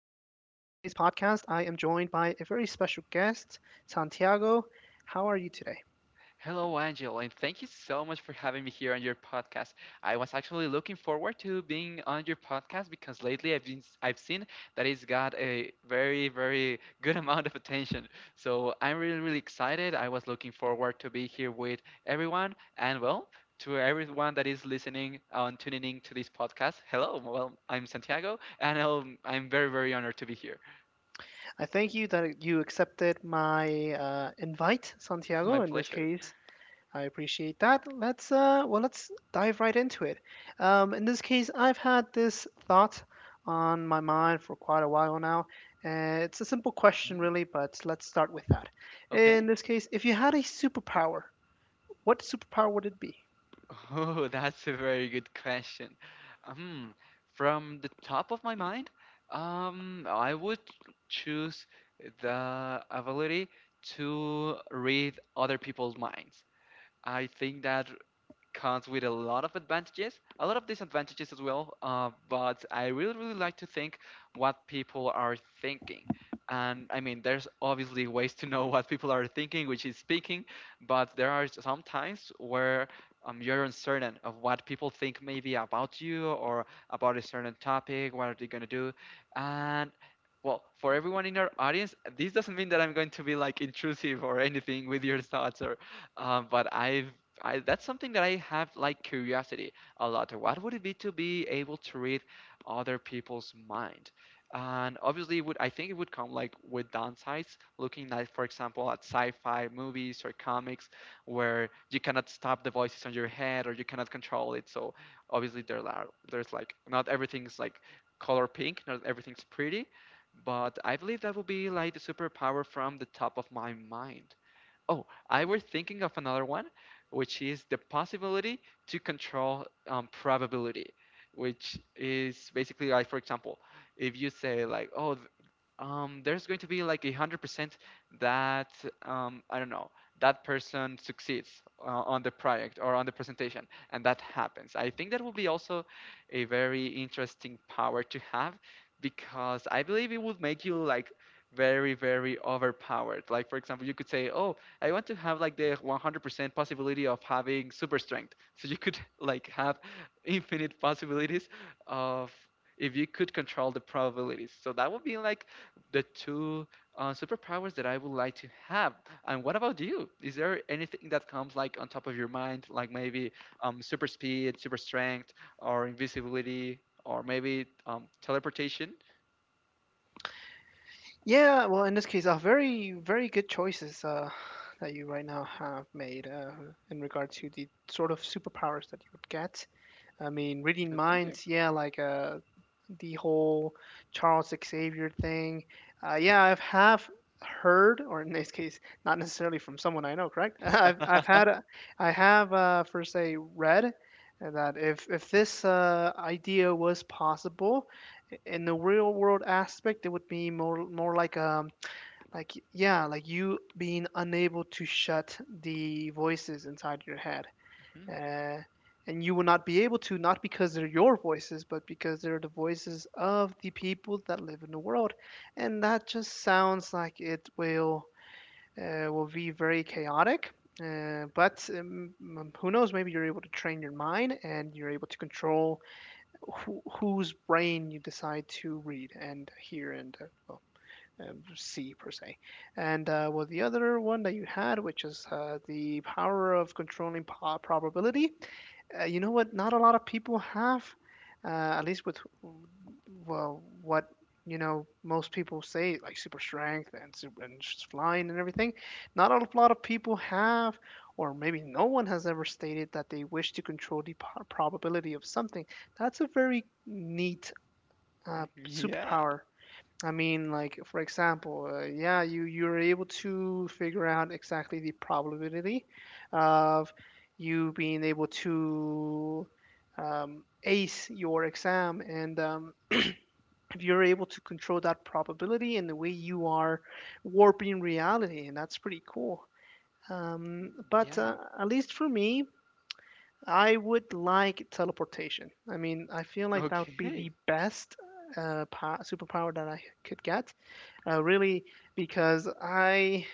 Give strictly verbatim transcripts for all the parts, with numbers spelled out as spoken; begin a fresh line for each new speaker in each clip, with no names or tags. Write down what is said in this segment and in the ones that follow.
podcast. I am joined by a very special guest, Santiago. How are you today?
Hello, Angel, and thank you so much for having me here on your podcast. I was actually looking forward to being on your podcast because lately I've been I've seen that it's got a very very good amount of attention. So I'm really really excited. I was looking forward to be here with everyone, and well, to everyone that is listening and tuning in to this podcast. Hello, well I'm Santiago, and um, I'm very very honored to be here.
I thank you that you accepted my uh, invite,
It's my
Santiago. In this
pleasure.
case, I appreciate that. Let's uh, well, let's dive right into it. Um, in this case, I've had this thought on my mind for quite a while now. Uh, it's a simple question,
Mm,
really, but let's start with that. In
Okay.
this case, if you had a superpower, what superpower would it be?
Oh, that's a very good question. Um, from the top of my mind, um, I would choose the ability to read other people's minds. I think that comes with a lot of advantages, a lot of disadvantages as well. Uh, but I really, really like to think what people are thinking. And I mean, there's obviously ways to know what people are thinking, which is speaking, but there are some times where um, you're uncertain of what people think maybe about you or about a certain topic, what are they going to do. And well, for everyone in our audience, this doesn't mean that I'm going to be like intrusive or anything with your thoughts or um, but I've I, that's something that I have like curiosity a lot. What would it be to be able to read other people's mind? And obviously, it would I think it would come like with downsides. Looking at, for example, at sci-fi movies or comics, where you cannot stop the voices on your head or you cannot control it. So obviously, there are there's like not everything's like color pink, not everything's pretty. But I believe that would be like the superpower from the top of my mind. Oh, I were thinking of another one, which is the possibility to control um, probability, which is basically like, for example, if you say like, oh, th- um, there's going to be like a hundred percent that um, I don't know that person succeeds uh, on the project or on the presentation, and that happens. I think that will be also a very interesting power to have because I believe it would make you like very very overpowered. Like for example, you could say, "Oh, I want to have like the one hundred percent possibility of having super strength," so you could like have infinite possibilities of if you could control the probabilities. So that would be like the two uh, superpowers that I would like to have. And what about you? Is there anything that comes like on top of your mind, like maybe um, super speed, super strength, or invisibility, or maybe um, teleportation?
Yeah, well, in this case, uh, very, very good choices uh, that you right now have made uh, in regard to the sort of superpowers that you would get. I mean, reading
Uh, Thank you.
minds, yeah, like uh, the whole Charles Xavier thing. Uh, yeah, I've have heard, or in this case, not necessarily from someone I know, correct? I've I've had, a- I have uh, first say read that if if this uh, idea was possible in the real world aspect, it would be more more like a like, yeah, like you being unable to shut the voices inside your head.
Hmm.
Uh, and you will not be able to, not because they're your voices, but because they're the voices of the people that live in the world. And that just sounds like it will uh, will be very chaotic. Uh, but um, m- who knows? Maybe you're able to train your mind, and you're able to control who, whose brain you decide to read and hear and uh, well, um, C per se. And uh, well, the other one that you had, which is uh, the power of controlling po- probability. Uh, you know what? Not a lot of people have, uh, at least with, well, what you know most people say, like super strength and super and flying and everything. Not a lot of people have. Or maybe no one has ever stated that they wish to control the po- probability of something. That's a very neat uh,
Yeah.
superpower. I mean, like for example, uh, yeah, you you're able to figure out exactly the probability of you being able to um, ace your exam, and um, if you're able to control that probability and the way you are warping reality, and that's pretty cool. Um, but
Yeah.
uh, at least for me, I would like teleportation. I mean, I feel like that would be
Okay.
the best uh, pa- superpower that I could get uh, really, because I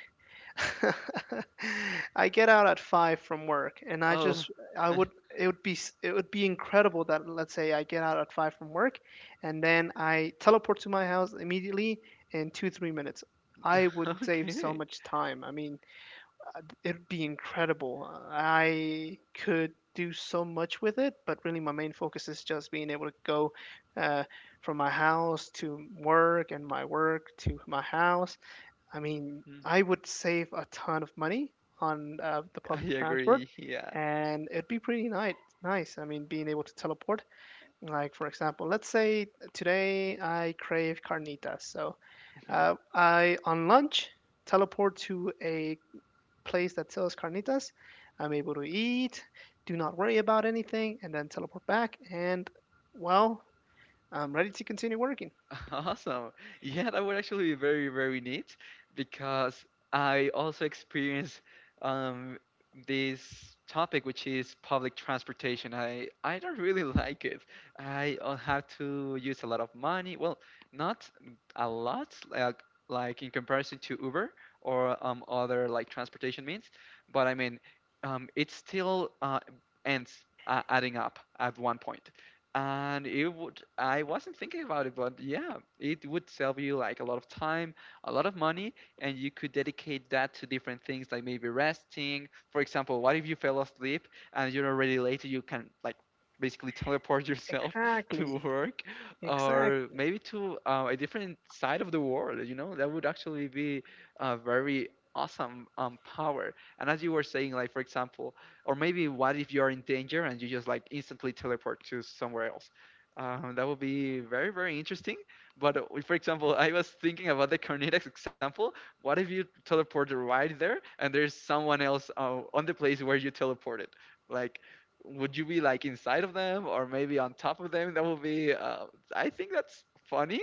I get out at five from work, and I
Oh.
just I would it would be s- it would be incredible that let's say I get out at five from work, and then I teleport to my house immediately in two three minutes. I would save so
Okay.
much time. I mean, it'd be incredible. I could do so much with it, but really my main focus is just being able to go uh, from my house to work and my work to my house. I mean,
Mm.
I would save a ton of money on uh, the
I
public transport,
agree. Yeah.
and it'd be pretty nice. Nice. I mean, being able to teleport. Like for example, let's say today I crave carnitas, so uh, I on lunch teleport to a place that sells carnitas. I'm able to eat, do not worry about anything, and then teleport back, and well, I'm ready to continue working.
Awesome. Yeah, that would actually be very, very neat because I also experience um, this topic, which is public transportation. I, I don't really like it. I uh, have to use a lot of money. Well, not a lot, like, like in comparison to Uber or um, other like transportation means, but I mean, um, it still uh, ends uh, adding up at one point. And it would, I wasn't thinking about it, but yeah, it would save you like a lot of time, a lot of money, and you could dedicate that to different things, like maybe resting. For example, what if you fell asleep and you're already late? You can like basically teleport yourself to
Exactly.
work, or
Exactly.
maybe to uh, a different side of the world, you know? That would actually be a very awesome um, power. And as you were saying, like for example, or maybe what if you're in danger and you just like instantly teleport to somewhere else? Um, that would be very, very interesting. But uh, for example, I was thinking about the Cornetex example. What if you teleport right there and there's someone else uh, on the place where you teleported? Like, would you be like inside of them or maybe on top of them? That would be, uh, I think that's funny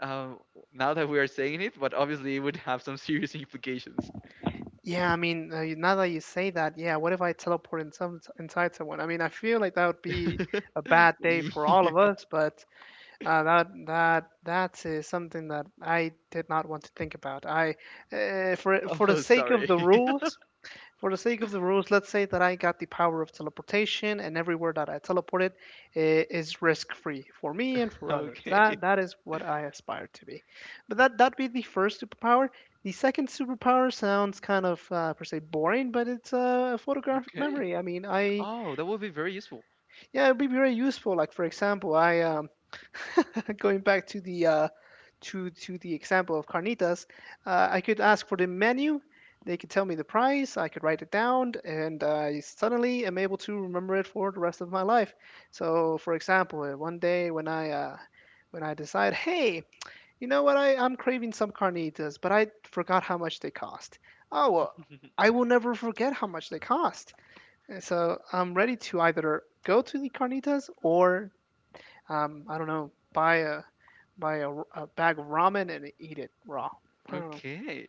um, now that we are saying it, but obviously it would have some serious implications.
Yeah, I mean, uh, now that you say that, yeah, what if I teleport in some, inside someone? I mean, I feel like that would be a bad day
Yeah.
for all of us, but uh, that that that is something that I did not want to think about. I, uh, for for the
Oh,
sake of
sorry.
the rules, for the sake of the rules, let's say that I got the power of teleportation, and everywhere that I teleported i- is risk-free for me and for others.
Okay.
That that is what I aspire to be. But that that would be the first superpower. The second superpower sounds kind of uh, per se boring, but it's uh, a uh, photographic
Okay.
memory. I mean, I
Oh, that would be very useful.
yeah, it'd be very useful. Like for example, I um, going back to the uh, to to the example of carnitas, uh, I could ask for the menu. They could tell me the price. I could write it down, and I suddenly am able to remember it for the rest of my life. So, for example, uh, one day when I uh, when I decide, hey, you know what? I, I'm craving some carnitas, but I forgot how much they cost. Oh well, I will never forget how much they cost. And so I'm ready to either go to the carnitas or um, I don't know, buy a buy a a bag of ramen and eat it raw. I don't know.
Okay.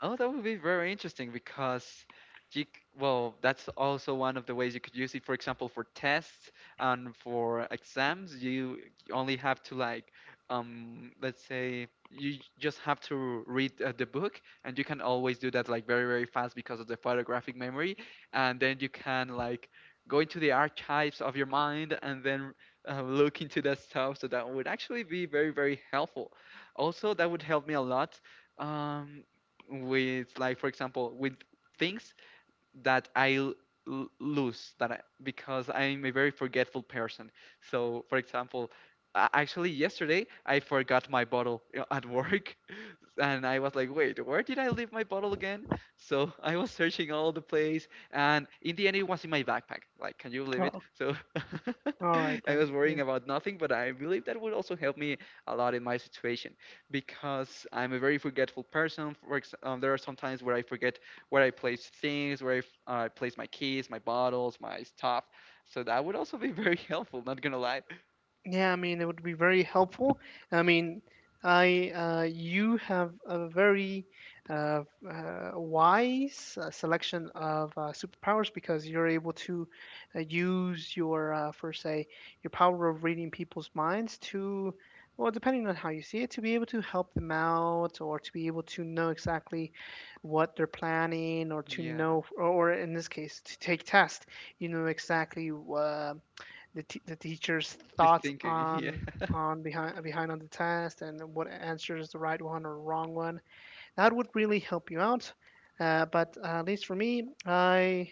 Oh, that would be very interesting because you, c- well, that's also one of the ways you could use it. For example, for tests and for exams, you only have to like, um, let's say you just have to read uh, the book, and you can always do that like very, very fast because of the photographic memory, and then you can like go into the archives of your mind and then uh, look into that stuff. So that would actually be very, very helpful. Also, that would help me a lot. Um, with like for example with things that I l- l- lose that I, because I'm a very forgetful person. So for example, a- actually yesterday I forgot my bottle uh, at work, and I was like, wait, where did I leave my bottle again? So I was searching all the place, and in the end, it was in my backpack. Like, can you believe it?
Oh,
So
all right
I
then.
was
Yeah.
worrying about nothing, but I believe that would also help me a lot in my situation because I'm a very forgetful person. For ex- um, there are some times where I forget where I place things, where I, f- uh, I place my keys, my bottles, my stuff. So that would also be very helpful, not gonna lie.
Yeah, I mean, it would be very helpful. I mean, I uh, you have a very uh, uh, wise uh, selection of uh, superpowers because you're able to uh, use your, uh, for say, your power of reading people's minds to, well, depending on how you see it, to be able to help them out or to be able to know exactly what they're planning or to
Yeah,
know, or or in this case, to take test. You know exactly. Uh, the, t- the teacher's
just
thoughts
thinking. Yeah.
on on behind behind on the test and what answer is the right one or wrong one. That would really help you out. Uh, but uh, at least for me, I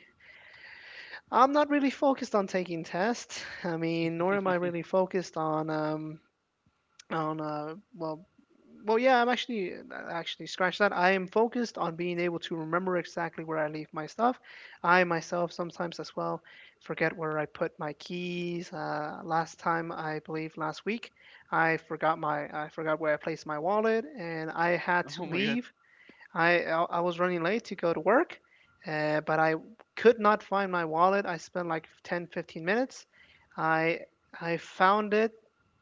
I'm not really focused on taking tests. I mean, nor am I really focused on um, on uh well well yeah, I'm actually uh, actually, scratch that. I am focused on being able to remember exactly where I leave my stuff. I myself sometimes as well forget where I put my keys. Uh, last time, I believe last week, i forgot my I forgot where I placed my wallet, and I had to
Oh my god.
leave. I I I was running late to go to work, uh, but I could not find my wallet. I spent like ten, fifteen minutes. I I found it.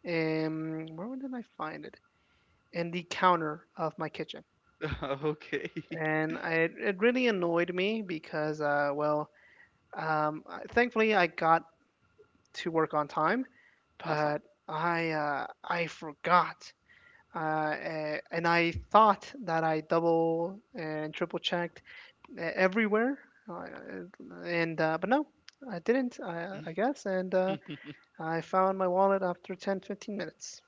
Um, where did I find it? In the counter of my kitchen,
Okay.
and I, it really annoyed me because, uh, well, um, I- thankfully I got to work on time, but
Awesome.
I uh, I forgot. Uh, eh, and I thought that I double and triple checked e- everywhere. Uh, and uh, but no, I didn't. I I guess, and uh, I found my wallet after ten, fifteen minutes.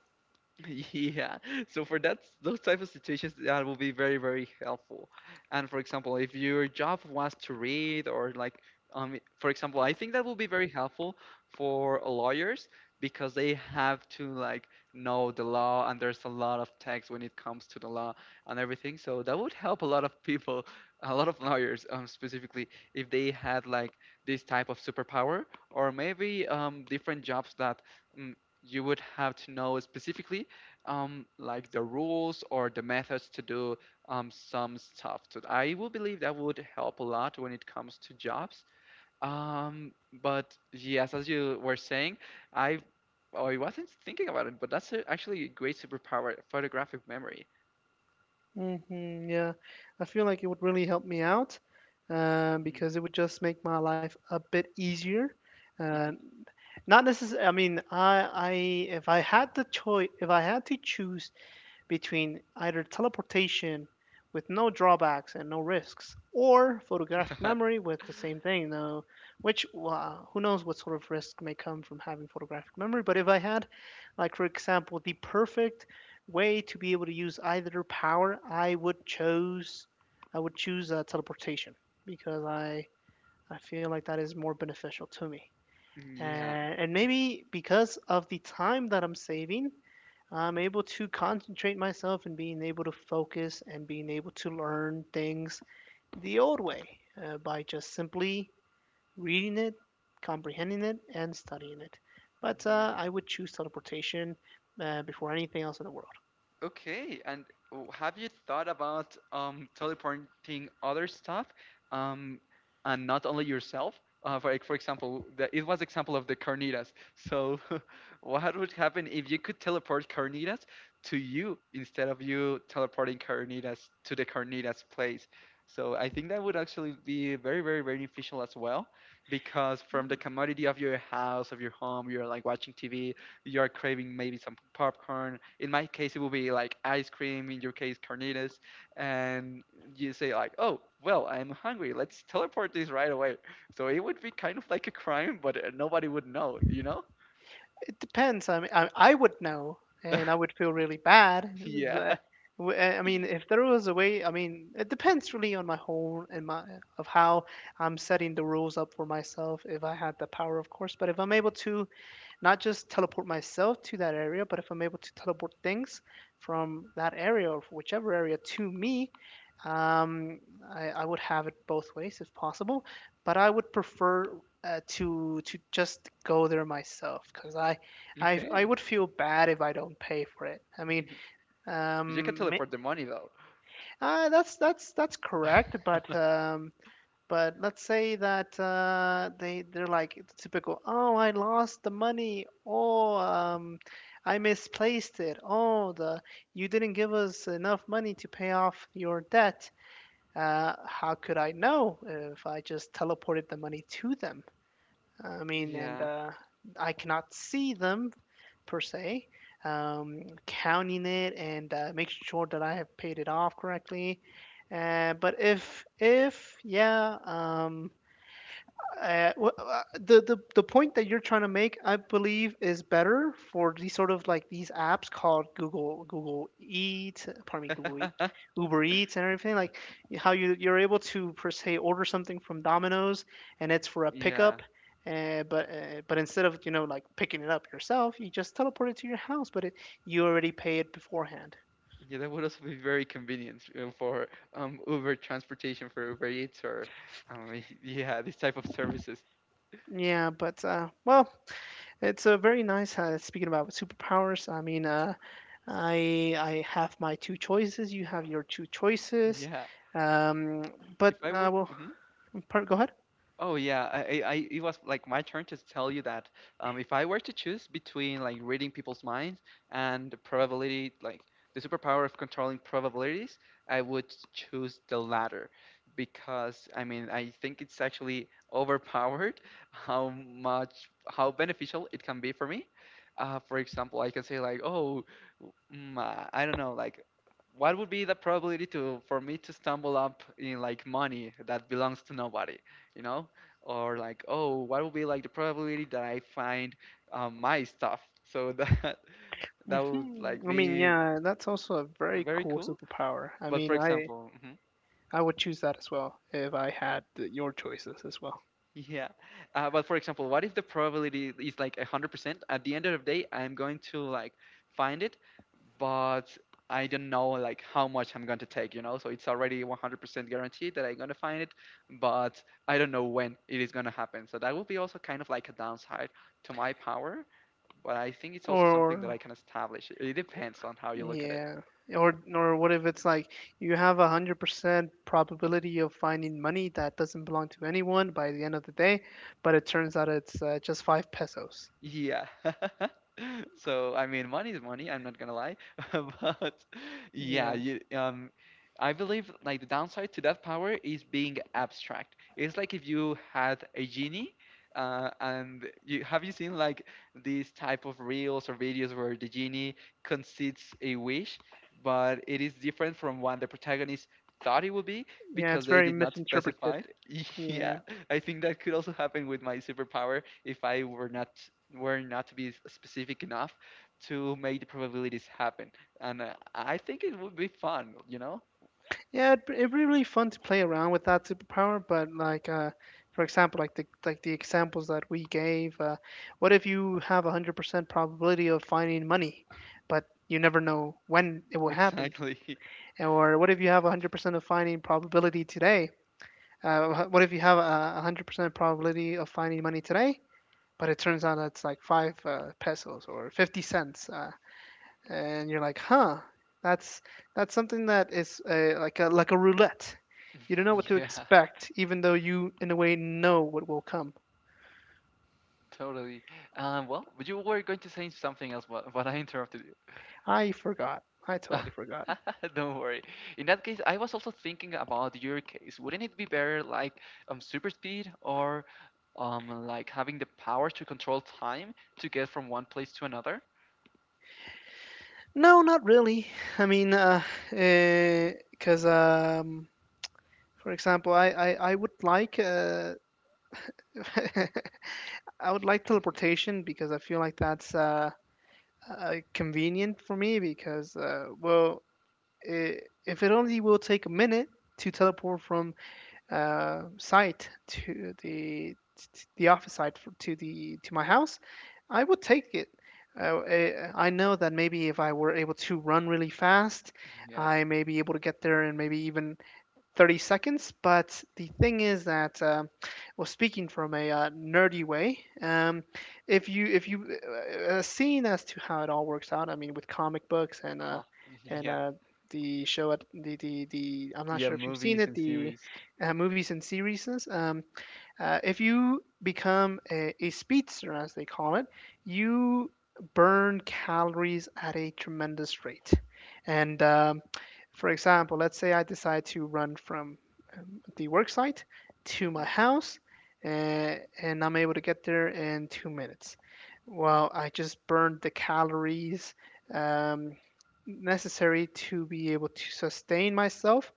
Yeah. So for that, those type of situations, that will be very, very helpful. And for example, if your job was to read or like um for example, I think that will be very helpful for lawyers, because they have to like know the law, and there's a lot of text when it comes to the law and everything. So that would help a lot of people, a lot of lawyers um specifically, if they had like this type of superpower, or maybe um different jobs that mm, you would have to know specifically um, like the rules or the methods to do um, some stuff. So I will believe that would help a lot when it comes to jobs. Um, but yes, as you were saying, I oh, I wasn't thinking about it, but that's a, actually a great superpower, photographic memory.
hmm yeah, I feel like it would really help me out uh,
Mm.
because it would just make my life a bit easier. Uh, Not necessarily. I mean, I I if I had the choice, if I had to choose between either teleportation with no drawbacks and no risks, or photographic memory with the same thing, though, which uh, who knows what sort of risk may come from having photographic memory. But if I had, like, for example, the perfect way to be able to use either power, I would choose, I would choose uh, teleportation because I, I feel like that is more beneficial to me
yeah,
and, and maybe because of the time that I'm saving, I'm able to concentrate myself and being able to focus and being able to learn things the old way uh, by just simply reading it, comprehending it, and studying it. But
yeah.
uh, I would choose teleportation uh, before anything else in the world.
Okay, and w- have you thought about um, teleporting other stuff, um, and not only yourself? Uh, for like, for example, the, it was example of the carnitas. So, what would happen if you could teleport carnitas to you, instead of you teleporting carnitas to the carnitas place? So I think that would actually be very, very beneficial as well, because from the commodity of your house, of your home, you're like watching T V, you are craving maybe some popcorn. In my case, it will be like ice cream. In your case, carnitas, and you say like, "Oh, well, I'm hungry. Let's teleport this right away." So it would be kind of like a crime, but uh, nobody would know, you know?
It depends. I mean, I, I would know, and I would feel really bad.
Yeah.
The- w- uh, I mean, if there was a way, I mean, it depends really on my whole and my of how I'm setting the rules up for myself. If I had the power, of course, but if I'm able to not just teleport myself to that area, but if I'm able to teleport things from that area or whichever area to me, um, I, I would have it both ways if possible. But I would prefer uh, to to just go there myself because I, I I
Okay.
would feel bad if I don't pay for it. I mean,
You can
um, ma-
teleport the money though.
uh, that's that's that's correct, but um, but let's say that uh, they they're like the typical, oh, I lost the money. Oh, um, I misplaced it. Oh, the you didn't give us enough money to pay off your debt. Uh, how could I know if I just teleported the money to them? I mean,
Yeah.
and uh, I cannot see them per se. Um, counting it and uh, make sure that I have paid it off correctly. Uh, but if if yeah, um, uh, wh- uh, the, the the point that you're trying to make, I believe, is better for these sort of like these apps called Google Google Eats, pardon me, Google Eat, Uber Eats, and everything. Like y- how you you're able to per se order something from Domino's, and it's for a
Yeah.
pickup. Uh, but uh, but instead of you know like picking it up yourself, you just teleport it to your house. But it, you already pay it beforehand.
Yeah, that would also be very convenient uh, for um, Uber transportation, for Uber Eats, or um, yeah, this type of services.
Yeah, but uh, well, it's a very nice. Uh, speaking about superpowers, I mean, uh, I I have my two choices. You have your two choices.
Yeah.
Um, but
if I were
uh, well,
mhm.
per- go ahead.
Oh yeah, I, I I- it was like my turn to tell you that um, if I were to choose between like reading people's minds and the probability, like the superpower of controlling probabilities, I would choose the latter, because I mean I think it's actually overpowered. How much, how beneficial it can be for me. Uh, for example, I can say like, oh, mm, uh, I don't know, like what would be the probability to for me to stumble up in like money that belongs to nobody? You know, or like, oh, what will be like the probability that I find um, my stuff, so that that would
Hmm,
like
I mean,
be
yeah, that's also a very
very
cool
cool.
superpower. I
But
mean,
for
I
example, mhm,
I would choose that as well if I had the- your choices as well.
yeah, uh, but for example, what if the probability is like one hundred percent at the end of the day? I'm going to like find it, but I don't know like how much I'm going to take, you know? So it's already one hundred percent guaranteed that I'm going to find it, but I don't know when it is going to happen. So that would be also kind of like a downside to my power. But I think it's also something that I
Or
can establish. It depends on how you look at it.
Yeah. Or or what if it's like you have a hundred percent probability of finding money that doesn't belong to anyone by the end of the day, but it turns out it's uh, just five pesos.
Yeah. So, I mean, money is money, I'm not gonna lie. But yeah,
Yeah.
you, um, I believe like the downside to that power is being abstract. It's like if you had a genie, uh, and you have you seen like these type of reels or videos where the genie concedes a wish, but it is different from what the protagonist thought it would be.
Yeah,
Because
it's
they
very
did not
misinterpreted.
specify it.
Yeah.
Yeah, I think that could also happen with my superpower if I were not were not to be s- specific enough to make the probabilities happen. And uh, I think it would be fun, you know?
Yeah, it'd, be- it'd be really fun to play around with that superpower, but like uh for example, like the like the examples that we gave, uh, what if you have a hundred percent probability of finding money, but you never know when it will happen?
Exactly.
Or what if you have one hundred percent of finding probability today? Uh, what if you have a one hundred percent probability of finding money today, but it turns out it's like five uh, pesos or fifty cents, uh, and you're like, huh, that's that's something that is uh, like a like a roulette. You don't know what to
Yeah,
expect, even though you, in a way, know what will come.
totally. Um, well, you were going to say something else, but, but I interrupted.
I forgot. I totally forgot.
Don't worry. In that case, I was also thinking about your case. Wouldn't it be better like um super speed or um like having the power to control time to get from one place to another?
No, not really. I mean, because, uh, because, um, for example, I, I, I would like, uh, I would like teleportation because I feel like that's uh, uh convenient for me because, uh well, I if it only will take a minute to teleport from uh site to the t- the office site, for, to the to my house, I would take it. Uh, I I know that maybe if I were able to run really fast,
Yeah.
I may be able to get there and maybe even thirty seconds. But the thing is that, uh, well, speaking from a uh, nerdy way, um, if you if you uh, uh, seeing as to how it all works out, I mean, with comic books and, uh,
Uh-huh.
and
Yeah.
uh, the show at the, the the I'm not
Yeah,
sure if you've seen
movies
it,
and
the
series.
uh, movies and series. Um, uh, if you become a, a speedster, as they call it, you burn calories at a tremendous rate. And um, for example, let's say I decide to run from, um, the work site to my
Mhm.
house, uh, and I'm able to get there in two minutes. Well, I just burned the calories um, necessary to be able to sustain myself,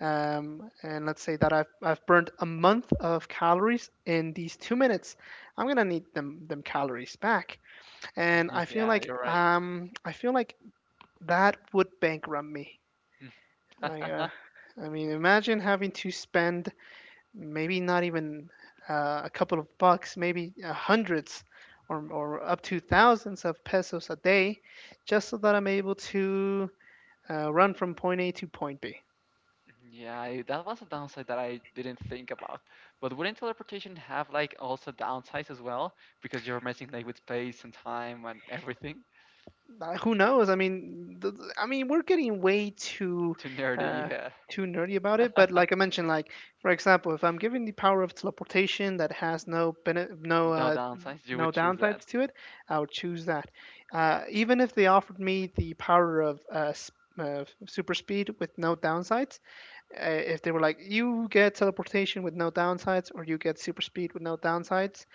um, and let's say that I've, I've burned a month of calories in these two minutes. I'm gonna need them them calories back, and i feel
Yeah,
like
you're right.
um, i feel like that would bankrupt me. i uh,
Mm.
I mean, imagine having to spend maybe not even uh, a couple of bucks, maybe uh, hundreds, or, or up to thousands of pesos a day, just so that I'm able to uh, run from point A to point B.
Yeah, I- that was a downside that I didn't think about. But wouldn't teleportation have like also downsides as well? Because you're messing like with space and time and everything.
Uh, who knows? I mean, th- th- I mean, we're getting way too,
Too nerdy,
uh,
yeah.
too nerdy about it. But like I mentioned, like for example, if I'm given the power of teleportation that has no, bene- no
With no
uh,
downsides, you
no
would choose that.
downsides to it, I would choose that. Uh, even if they offered me the power of uh, s- uh, super speed with no downsides, uh, if they were like, you get teleportation with no downsides, or you get super speed with no downsides,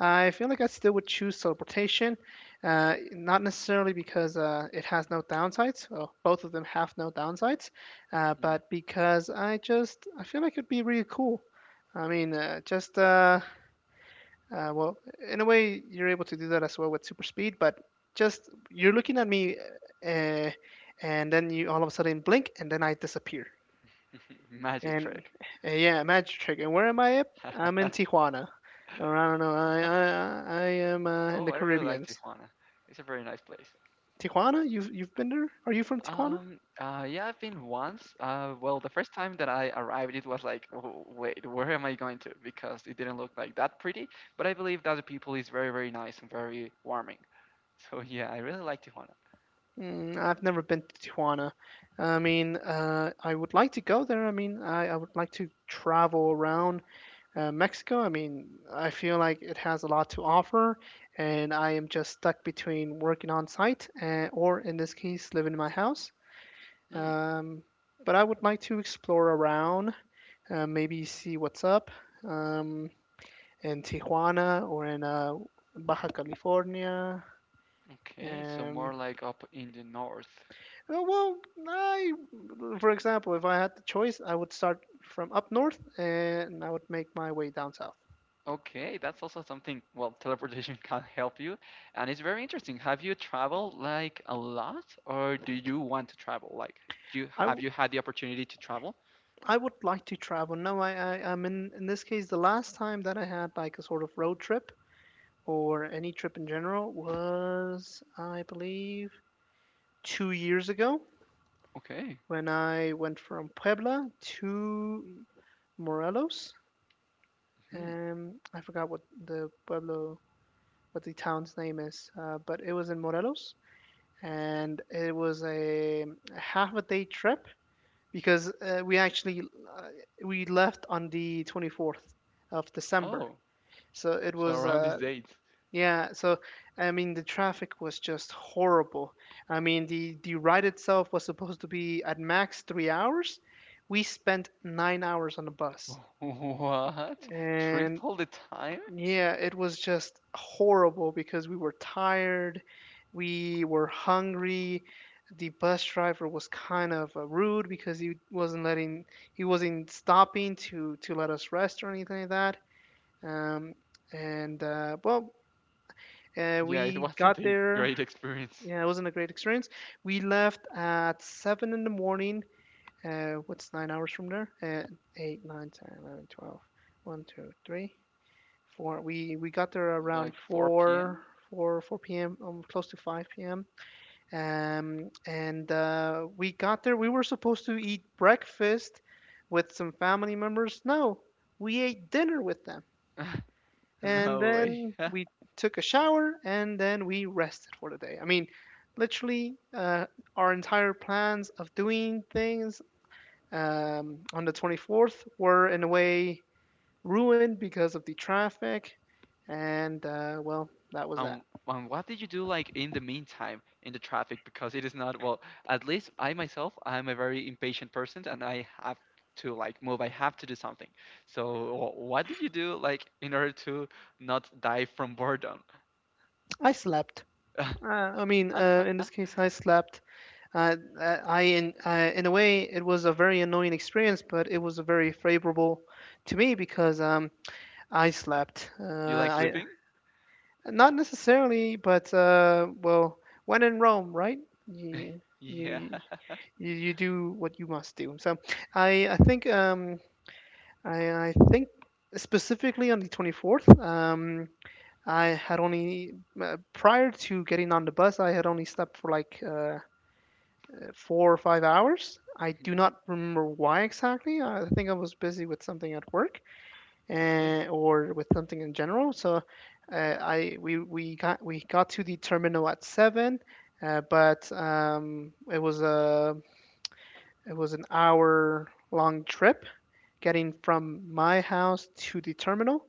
I feel like I still would choose teleportation, uh, not necessarily because uh, it has no downsides. Well, both of them have no downsides, uh,
Mhm.
but because I just I feel like it'd be really cool. I mean, uh, just uh, uh, well, in a way, you're able to do that as well with super speed, but just you're looking at me, uh, and then you all of a sudden blink, and then I disappear.
Magic
And
trick.
uh, yeah, magic trick. And where am I at? I'm in Tijuana. Or I don't know. I I I am uh, in
Oh,
the
I really like
Caribbean.
Tijuana. It's a very nice place.
Tijuana? You've you've been there? Are you from Tijuana?
Um, uh, yeah, I've been once. Uh, well, the first time that I arrived, it was like, "Oh, wait, where am I going to? Because it didn't look like that pretty. But I believe that the people is very, very nice and very warming. So yeah, I really like Tijuana.
Mm, I've never been to Tijuana. I mean, uh, I would like to go there. I mean, I, I would like to travel around uh, Mexico. I mean, I feel like it has a lot to offer, and I am just stuck between working on site and, or, in this case, living in my house.
Hmm,
Um, but I would like to explore around, uh, maybe see what's up, um, in Tijuana or in uh, Baja California.
okay, so more
Um,
like up in the north.
uh, well, I, for example, if I had the choice, I would start from up north and I would make my way down south.
Okay, that's also something, well, teleportation can help you. And it's very interesting. Have you traveled like a lot or do you want to travel? Like, do you
I,
have
w-
you had the opportunity to travel?
I would like to travel. No, I, I, I'm, in, in this case, the last time that I had like a sort of road trip or any trip in general was, I believe, two years ago
Okay.
when I went from Puebla to Morelos.
Mhm.
Um, I forgot what the pueblo, what the town's name is, uh, but it was in Morelos, and it was a, a half a day trip because uh, we actually uh, we left on the twenty-fourth of December.
Oh,
So it
so
was,
around these
uh,
dates.
yeah. So I mean, the traffic was just horrible. I mean, the the ride itself was supposed to be at max three hours. We spent nine hours on the bus,
What?
and,
Triple the time?
yeah, it was just horrible because we were tired, we were hungry. The bus driver was kind of uh, rude because he wasn't letting, he wasn't stopping to to let us rest or anything like that. Um, and uh, well, uh,
Yeah, it
we
wasn't
got
a
there.
great experience.
Yeah, it wasn't a great experience. We left at seven in the morning. Uh, what's nine hours from there? Uh, eight, nine, ten, eleven, twelve. One, two, three. Four. We we got there around
Like 4
four,
p.m.?
four, four p m. Um, close to five p m. Um, and uh, We got there. We were supposed to eat breakfast with some family members. No, we ate dinner with them, and
No way.
then we took a shower, and then we rested for the day. I mean, literally, uh, our entire plans of doing things, um, on the twenty-fourth, were in a way ruined because of the traffic. And uh, Well, that was that.
Um, um, what did you do like in the meantime in the traffic? Because it is not well. At least I myself, I'm a very impatient person, and I have to like move. I have to do something. So, wh- what did you do like in order to not die from boredom?
I slept. Uh, I mean,
Huh?
uh, in this case, I slept. Uh, uh, I In uh, in a way, it was a very annoying experience, but it was very favorable to me because um, I slept. Uh,
You like
I
sleeping?
Not necessarily, but uh, well, when in Rome, right? You
Yeah.
you you, you do what you must do. So I I think, um, I, I think specifically on the twenty-fourth, um, I had only, uh, prior to getting on the bus, I had only slept for like uh, four or five hours. I do
Hmm.
not remember why exactly. I think I was busy with something at work
Okay.
and, or with something in general. So uh, I we, we got we got to the terminal at seven, uh, but um, it was a it was an hour long trip getting from my house to the terminal,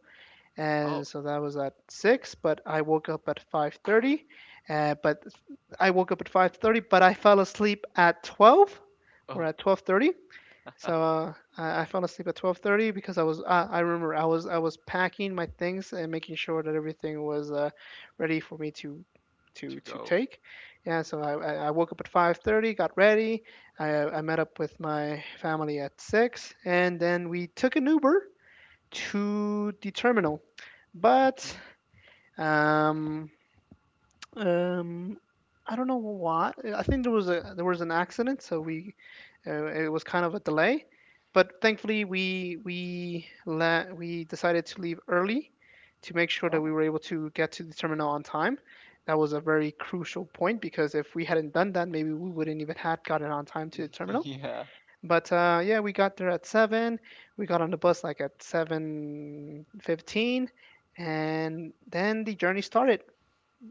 Oh,
and so that was at six. But I woke up at five thirty, uh, but I woke up at five thirty, but I fell asleep at twelve, or
oh,
at twelve thirty. So uh, I fell asleep at twelve thirty because I was uh, I remember I was I was packing my things and making sure that everything was uh, ready for me to to
to
to
go.
take. Yeah, so I I woke up at five thirty, got ready. I, I met up with my family at six, and then we took an Uber to the terminal. But,
Okay.
um, um, I don't know why. I think there was a there was an accident, so we, uh, it was kind of a delay. But thankfully, we we la- we decided to leave early to make sure that we
Oh,
were able to get to the terminal on time. That was a very crucial point because if we hadn't done that, maybe we wouldn't even had gotten on time to the terminal.
yeah.
But uh, yeah, we got there at seven. We got on the bus like at seven fifteen, and then the journey started.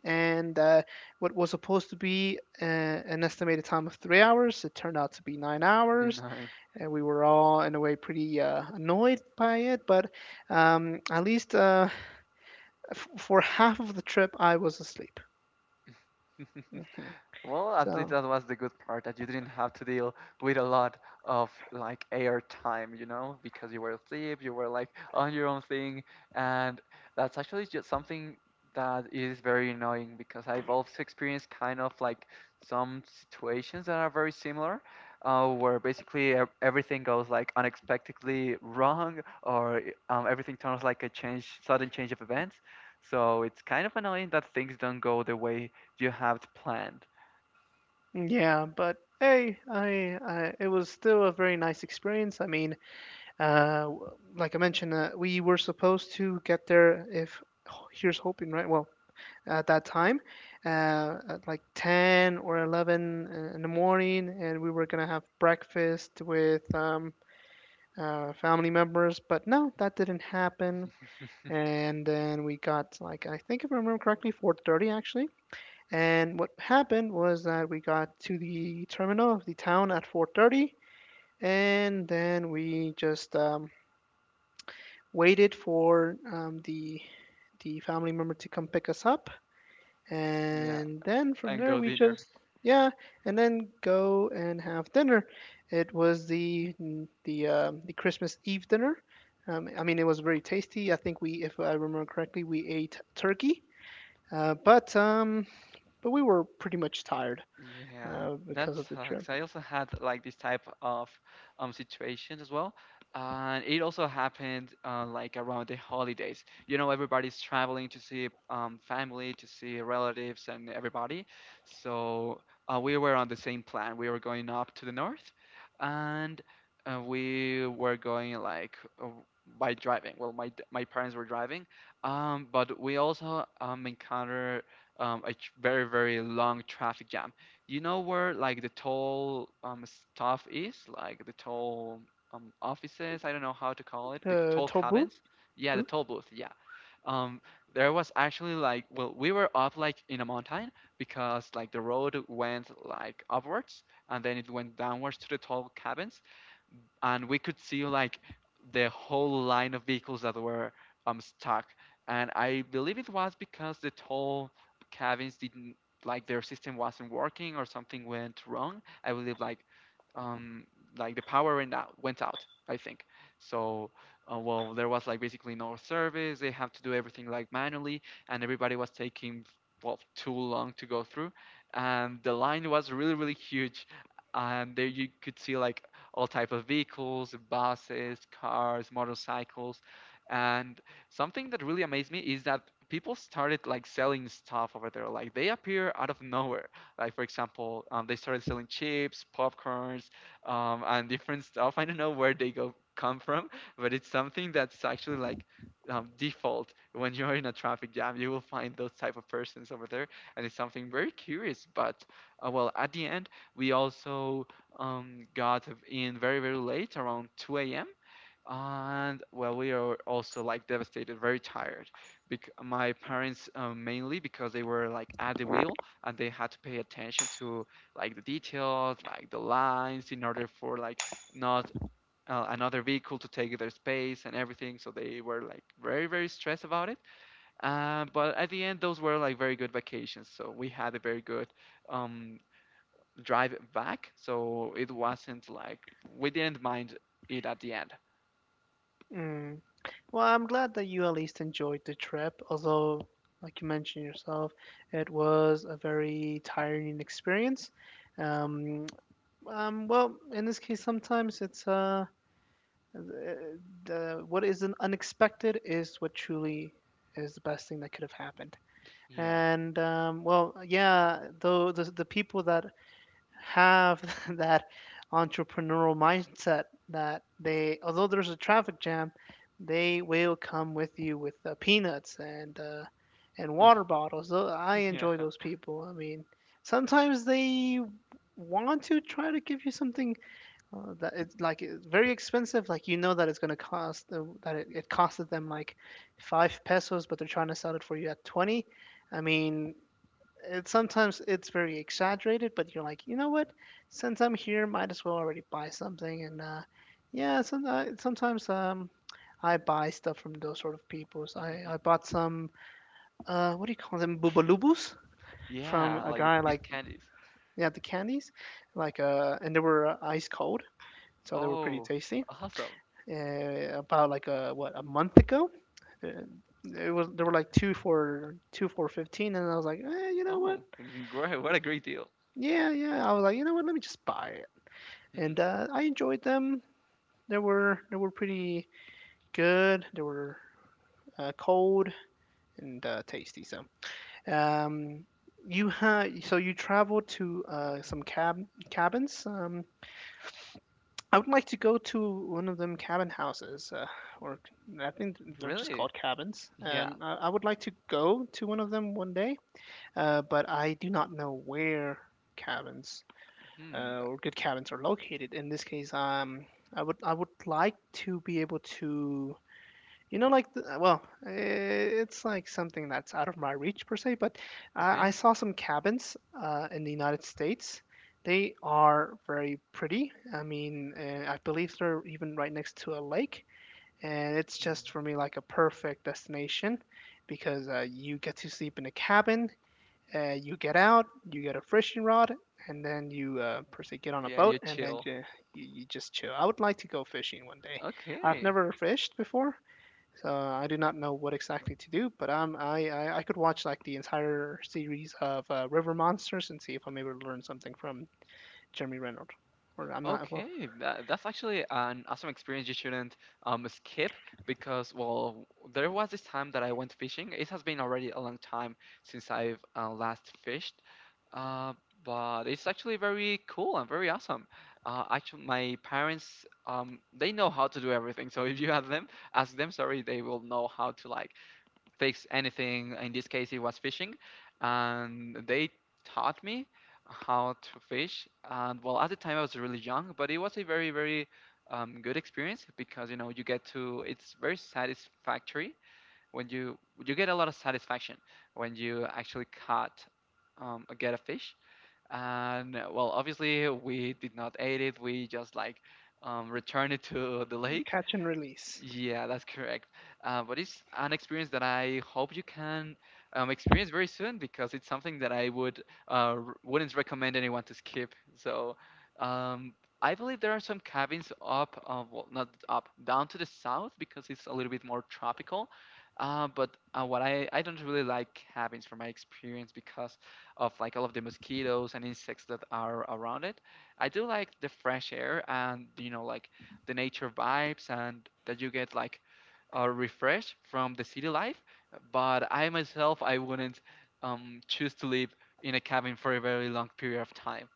And uh, what was supposed to be uh, an estimated time of three hours, it turned out to be nine
The
hours.
nine.
And we were all in a way pretty uh, annoyed by it, but um, at least uh, f- for half of the trip, I was asleep. Hmm.
Well, at least
So
that was the good part that you didn't have to deal with a lot of like air time, you know, because you were asleep, you were like on your own thing, and that's actually just something that is very annoying because I've also experienced kind of like some situations that are very similar, uh, where basically ev- everything goes like unexpectedly wrong or um, everything turns like a change, sudden change of events. So it's kind of annoying that things don't go the way you have planned.
yeah, but hey, I, I it was still a very nice experience. I mean, Uh, w- like I mentioned, uh, we were supposed to get there if— oh, here's hoping, right? Well, at that time, uh, at like ten or eleven in the morning, and we were gonna have breakfast with um, uh, family members, but no, that didn't happen. And then we got, like, I think if I remember correctly, four thirty actually. And what happened was that we got to the terminal of the town at four thirty, and then we just um, waited for um, the the family member to come pick us up,
Yeah,
and then from
and
there
go
we
dinner.
just— yeah, and then go and have dinner. It was the the um, the Christmas Eve dinner. um, I mean, it was very tasty. I think we— if I remember correctly, we ate turkey, uh, but um but we were pretty much tired,
Yeah,
uh, because
that
of the trip.
sucks. I also had like this type of um situations as well, and it also happened uh, like around the holidays. You know, everybody's traveling to see um family, to see relatives, and everybody. So uh, we were on the same plan. We were going up to the north, and uh, we were going like uh, by driving. Well, my d- my parents were driving, um, but we also um encountered um, a tr- very, very long traffic jam. You know where like the toll um stuff is, like the toll um offices. I don't know how to call it, the
Uh,
toll
tobu?
cabins. Yeah, the
Bu?
toll booth. Yeah. Um, there was actually like, well, we were up like in a mountain because like the road went like upwards and then it went downwards to the toll cabins and we could see like the whole line of vehicles that were um stuck. And I believe it was because the toll cabins didn't like their system wasn't working or something went wrong. I believe like um like the power went out went out. I think so. Uh, well, there was like basically no service. They have to do everything like manually, and everybody was taking well too long to go through, and the line was really really huge, and there you could see like all type of vehicles, buses, cars, motorcycles. And something that really amazed me is that people started like selling stuff over there. Like they appear out of nowhere. Like for example, um, they started selling chips, popcorns, um, and different stuff. I don't know where they go come from, but it's something that's actually like um, default when you're in a traffic jam. You will find those type of persons over there, and it's something very curious. But uh, well, at the end, we also um, got in very, very late, around two a m. And well, we are also like devastated, very tired. Bec- my parents uh, mainly because they were like at the wheel and they had to pay attention to like the details, like the lines, in order for like not uh, another vehicle to take their space and everything. So they were like very, very stressed about it. Uh, but at the end, those were like very good vacations. So we had a very good um, drive back, so it wasn't like we didn't mind it at the end.
Mm. Well, I'm glad that you at least enjoyed the trip, although, like you mentioned yourself, it was a very tiring experience. Um, um, well, in this case, sometimes it's uh, the, the, what is an unexpected is what truly is the best thing that could have happened.
Yeah.
And um, well, yeah, though the the people that have that entrepreneurial mindset, that they, although there's a traffic jam, they will come with you with uh, peanuts and uh, and water bottles. Tho- I enjoy
Yeah.
those people. I mean, sometimes they want to try to give you something uh, that it's like— it's very expensive. Like, you know that it's gonna cost uh, that it, it costed them like five pesos, but they're trying to sell it for you at twenty. I mean, it sometimes it's very exaggerated, but you're like, you know what? Since I'm here, might as well already buy something. And uh, yeah, some, uh, sometimes um, I buy stuff from those sort of peoples. I, I bought some uh, what do you call them? Bubalubus, from
Yeah,
a
like
guy.
these
Like,
candies.
yeah, the candies, like uh, and they were uh, ice cold, so they were pretty
Oh,
tasty.
awesome.
Uh, about like a— what, a month ago, uh, it was— there were like two for— two for fifteen, and I was like, eh, you know what?
Oh, great. What a great deal.
Yeah, yeah. I was like, you know what? Let me just buy it, and uh, I enjoyed them. They were they were pretty good. They were uh, cold and uh, tasty. So, um, you had— so you traveled to uh, some cab cabins. Um, I would like to go to one of them cabin houses, uh, or I think they're just
Really?
called cabins.
Yeah.
Um, I, I would like to go to one of them one day, uh, but I do not know where cabins
Hmm.
uh, or good cabins are located. In this case, um, I would I would like to be able to, you know, like the— well, eh, it's like something that's out of my reach per se. But I, I
Okay.
saw some cabins uh, in the United States. They are very pretty. I mean, uh, I believe they're even right next to a lake, and it's just for
Mm.
me like a perfect destination, because uh, you get to sleep in a cabin. Uh, you get out, you get a fishing rod, and then you uh, per se get on a
Yeah,
boat,
you
and then
chill.
you— you you just chill. I would like to go fishing one day. I've
Okay.
never fished before, so I do not know what exactly to do. But um, I I, I could watch like the entire series of uh, River Monsters and see if I'm able to learn something from Jeremy Renner, or I'm not— well,
Okay, that, that's actually an awesome experience you shouldn't um, skip because, well, there was this time that I went fishing. It has been already a long time since I've uh, last fished, uh, but it's actually very cool and very awesome. Uh, actually, my parents, um, they know how to do everything. So if you ask them, ask them, sorry, they will know how to like fix anything. In this case, it was fishing, and they taught me how to fish. And well, at the time I was really young, but it was a very, very um, good experience because you know you get to. It's very satisfactory when you you get a lot of satisfaction when you actually caught um, get a fish. And uh, well, obviously we did not eat it. We just like um, returned it to the lake.
catch and release.
Yeah, that's correct. Uh, but it's an experience that I hope you can um, experience very soon because it's something that I would uh, r- wouldn't recommend anyone to skip. So um, I believe there are some cabins up, uh, well, not up, down to the south because it's a little bit more tropical. Uh, but uh, what I, I don't really like cabins from my experience because of like all of the mosquitoes and insects that are around it. I do like the fresh air and you know like the nature vibes and that you get like a refresh from the city life. But I myself, I wouldn't um, choose to live in a cabin for a very long period of time.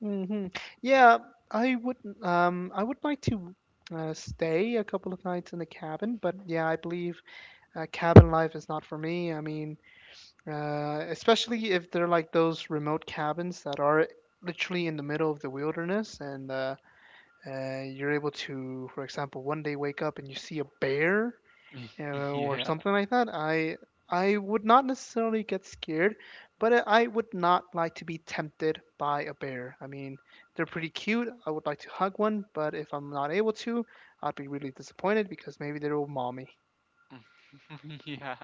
Hmm. Yeah, I would— um I would like to uh, stay a couple of nights in the cabin, but yeah, I believe uh, cabin life is not for me. I mean, uh, especially if they're like those remote cabins that are literally in the middle of the wilderness, and uh, uh, you're able to, for example, one day wake up and you see a bear, uh, or
Yeah.
something like that. I I would not necessarily get scared, but I I would not like to be tempted by a bear. I mean, they're pretty cute. I would like to hug one, but if I'm not able to, I'd be really disappointed because maybe they will maul me.
Yeah.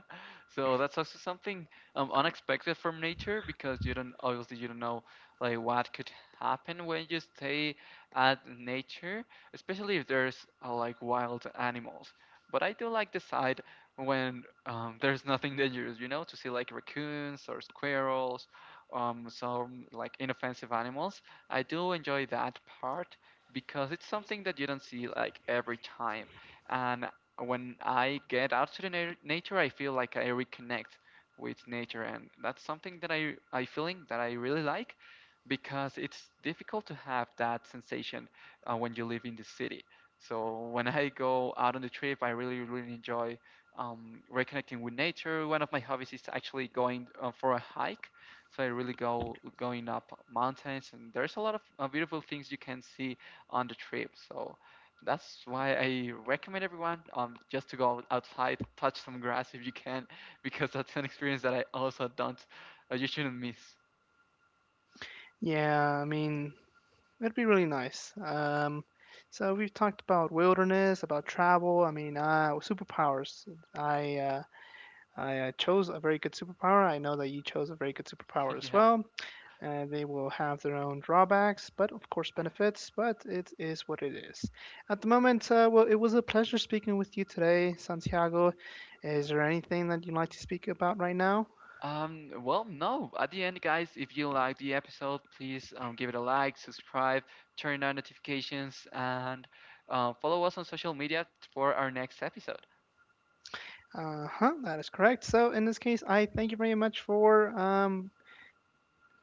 So that's also something um, unexpected from nature because you don't obviously you don't know like what could happen when you stay at nature, especially if there's uh, like wild animals. But I do like the side when um, there's nothing dangerous, you know, to see like raccoons or squirrels, um, some like inoffensive animals. I do enjoy that part because it's something that you don't see like every time. And when I get out to the na- nature, I feel like I reconnect with nature, and that's something that I I feeling that I really like, because it's difficult to have that sensation uh, when you live in the city. So when I go out on the trip, I really really enjoy um, reconnecting with nature. One of my hobbies is actually going uh, for a hike, so I really go going up mountains, and there's a lot of uh, beautiful things you can see on the trip. So that's why I recommend everyone um just to go outside, touch some grass if you can, because that's an experience that I also don't uh, you shouldn't miss.
Yeah, I mean, that'd be really nice. Um, so we've talked about wilderness, about travel. I mean, uh, superpowers. I uh, I uh, chose a very good superpower. I know that you chose a very good superpower as
Yeah.
well. Uh, they will have their own drawbacks, but of course benefits. But it is what it is. At the moment, uh, well, it was a pleasure speaking with you today, Santiago. Is there anything that you'd like to speak about right now?
Um, well, no. At the end, guys, if you like the episode, please um, give it a like, subscribe, turn on notifications, and uh, follow us on social media for our next episode.
Uh huh, that is correct. So in this case, I thank you very much for um,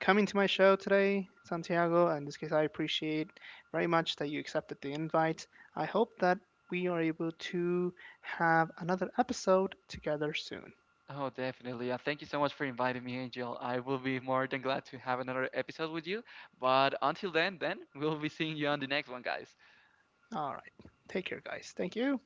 coming to my show today, Santiago. In this case, I appreciate very much that you accepted the invite. I hope that we are able to have another episode together soon.
Oh, definitely. Uh, thank you so much for inviting me, Angel. I will be more than glad to have another episode with you. But until then, then we'll be seeing you on the next one, guys.
All right. Take care, guys. Thank you.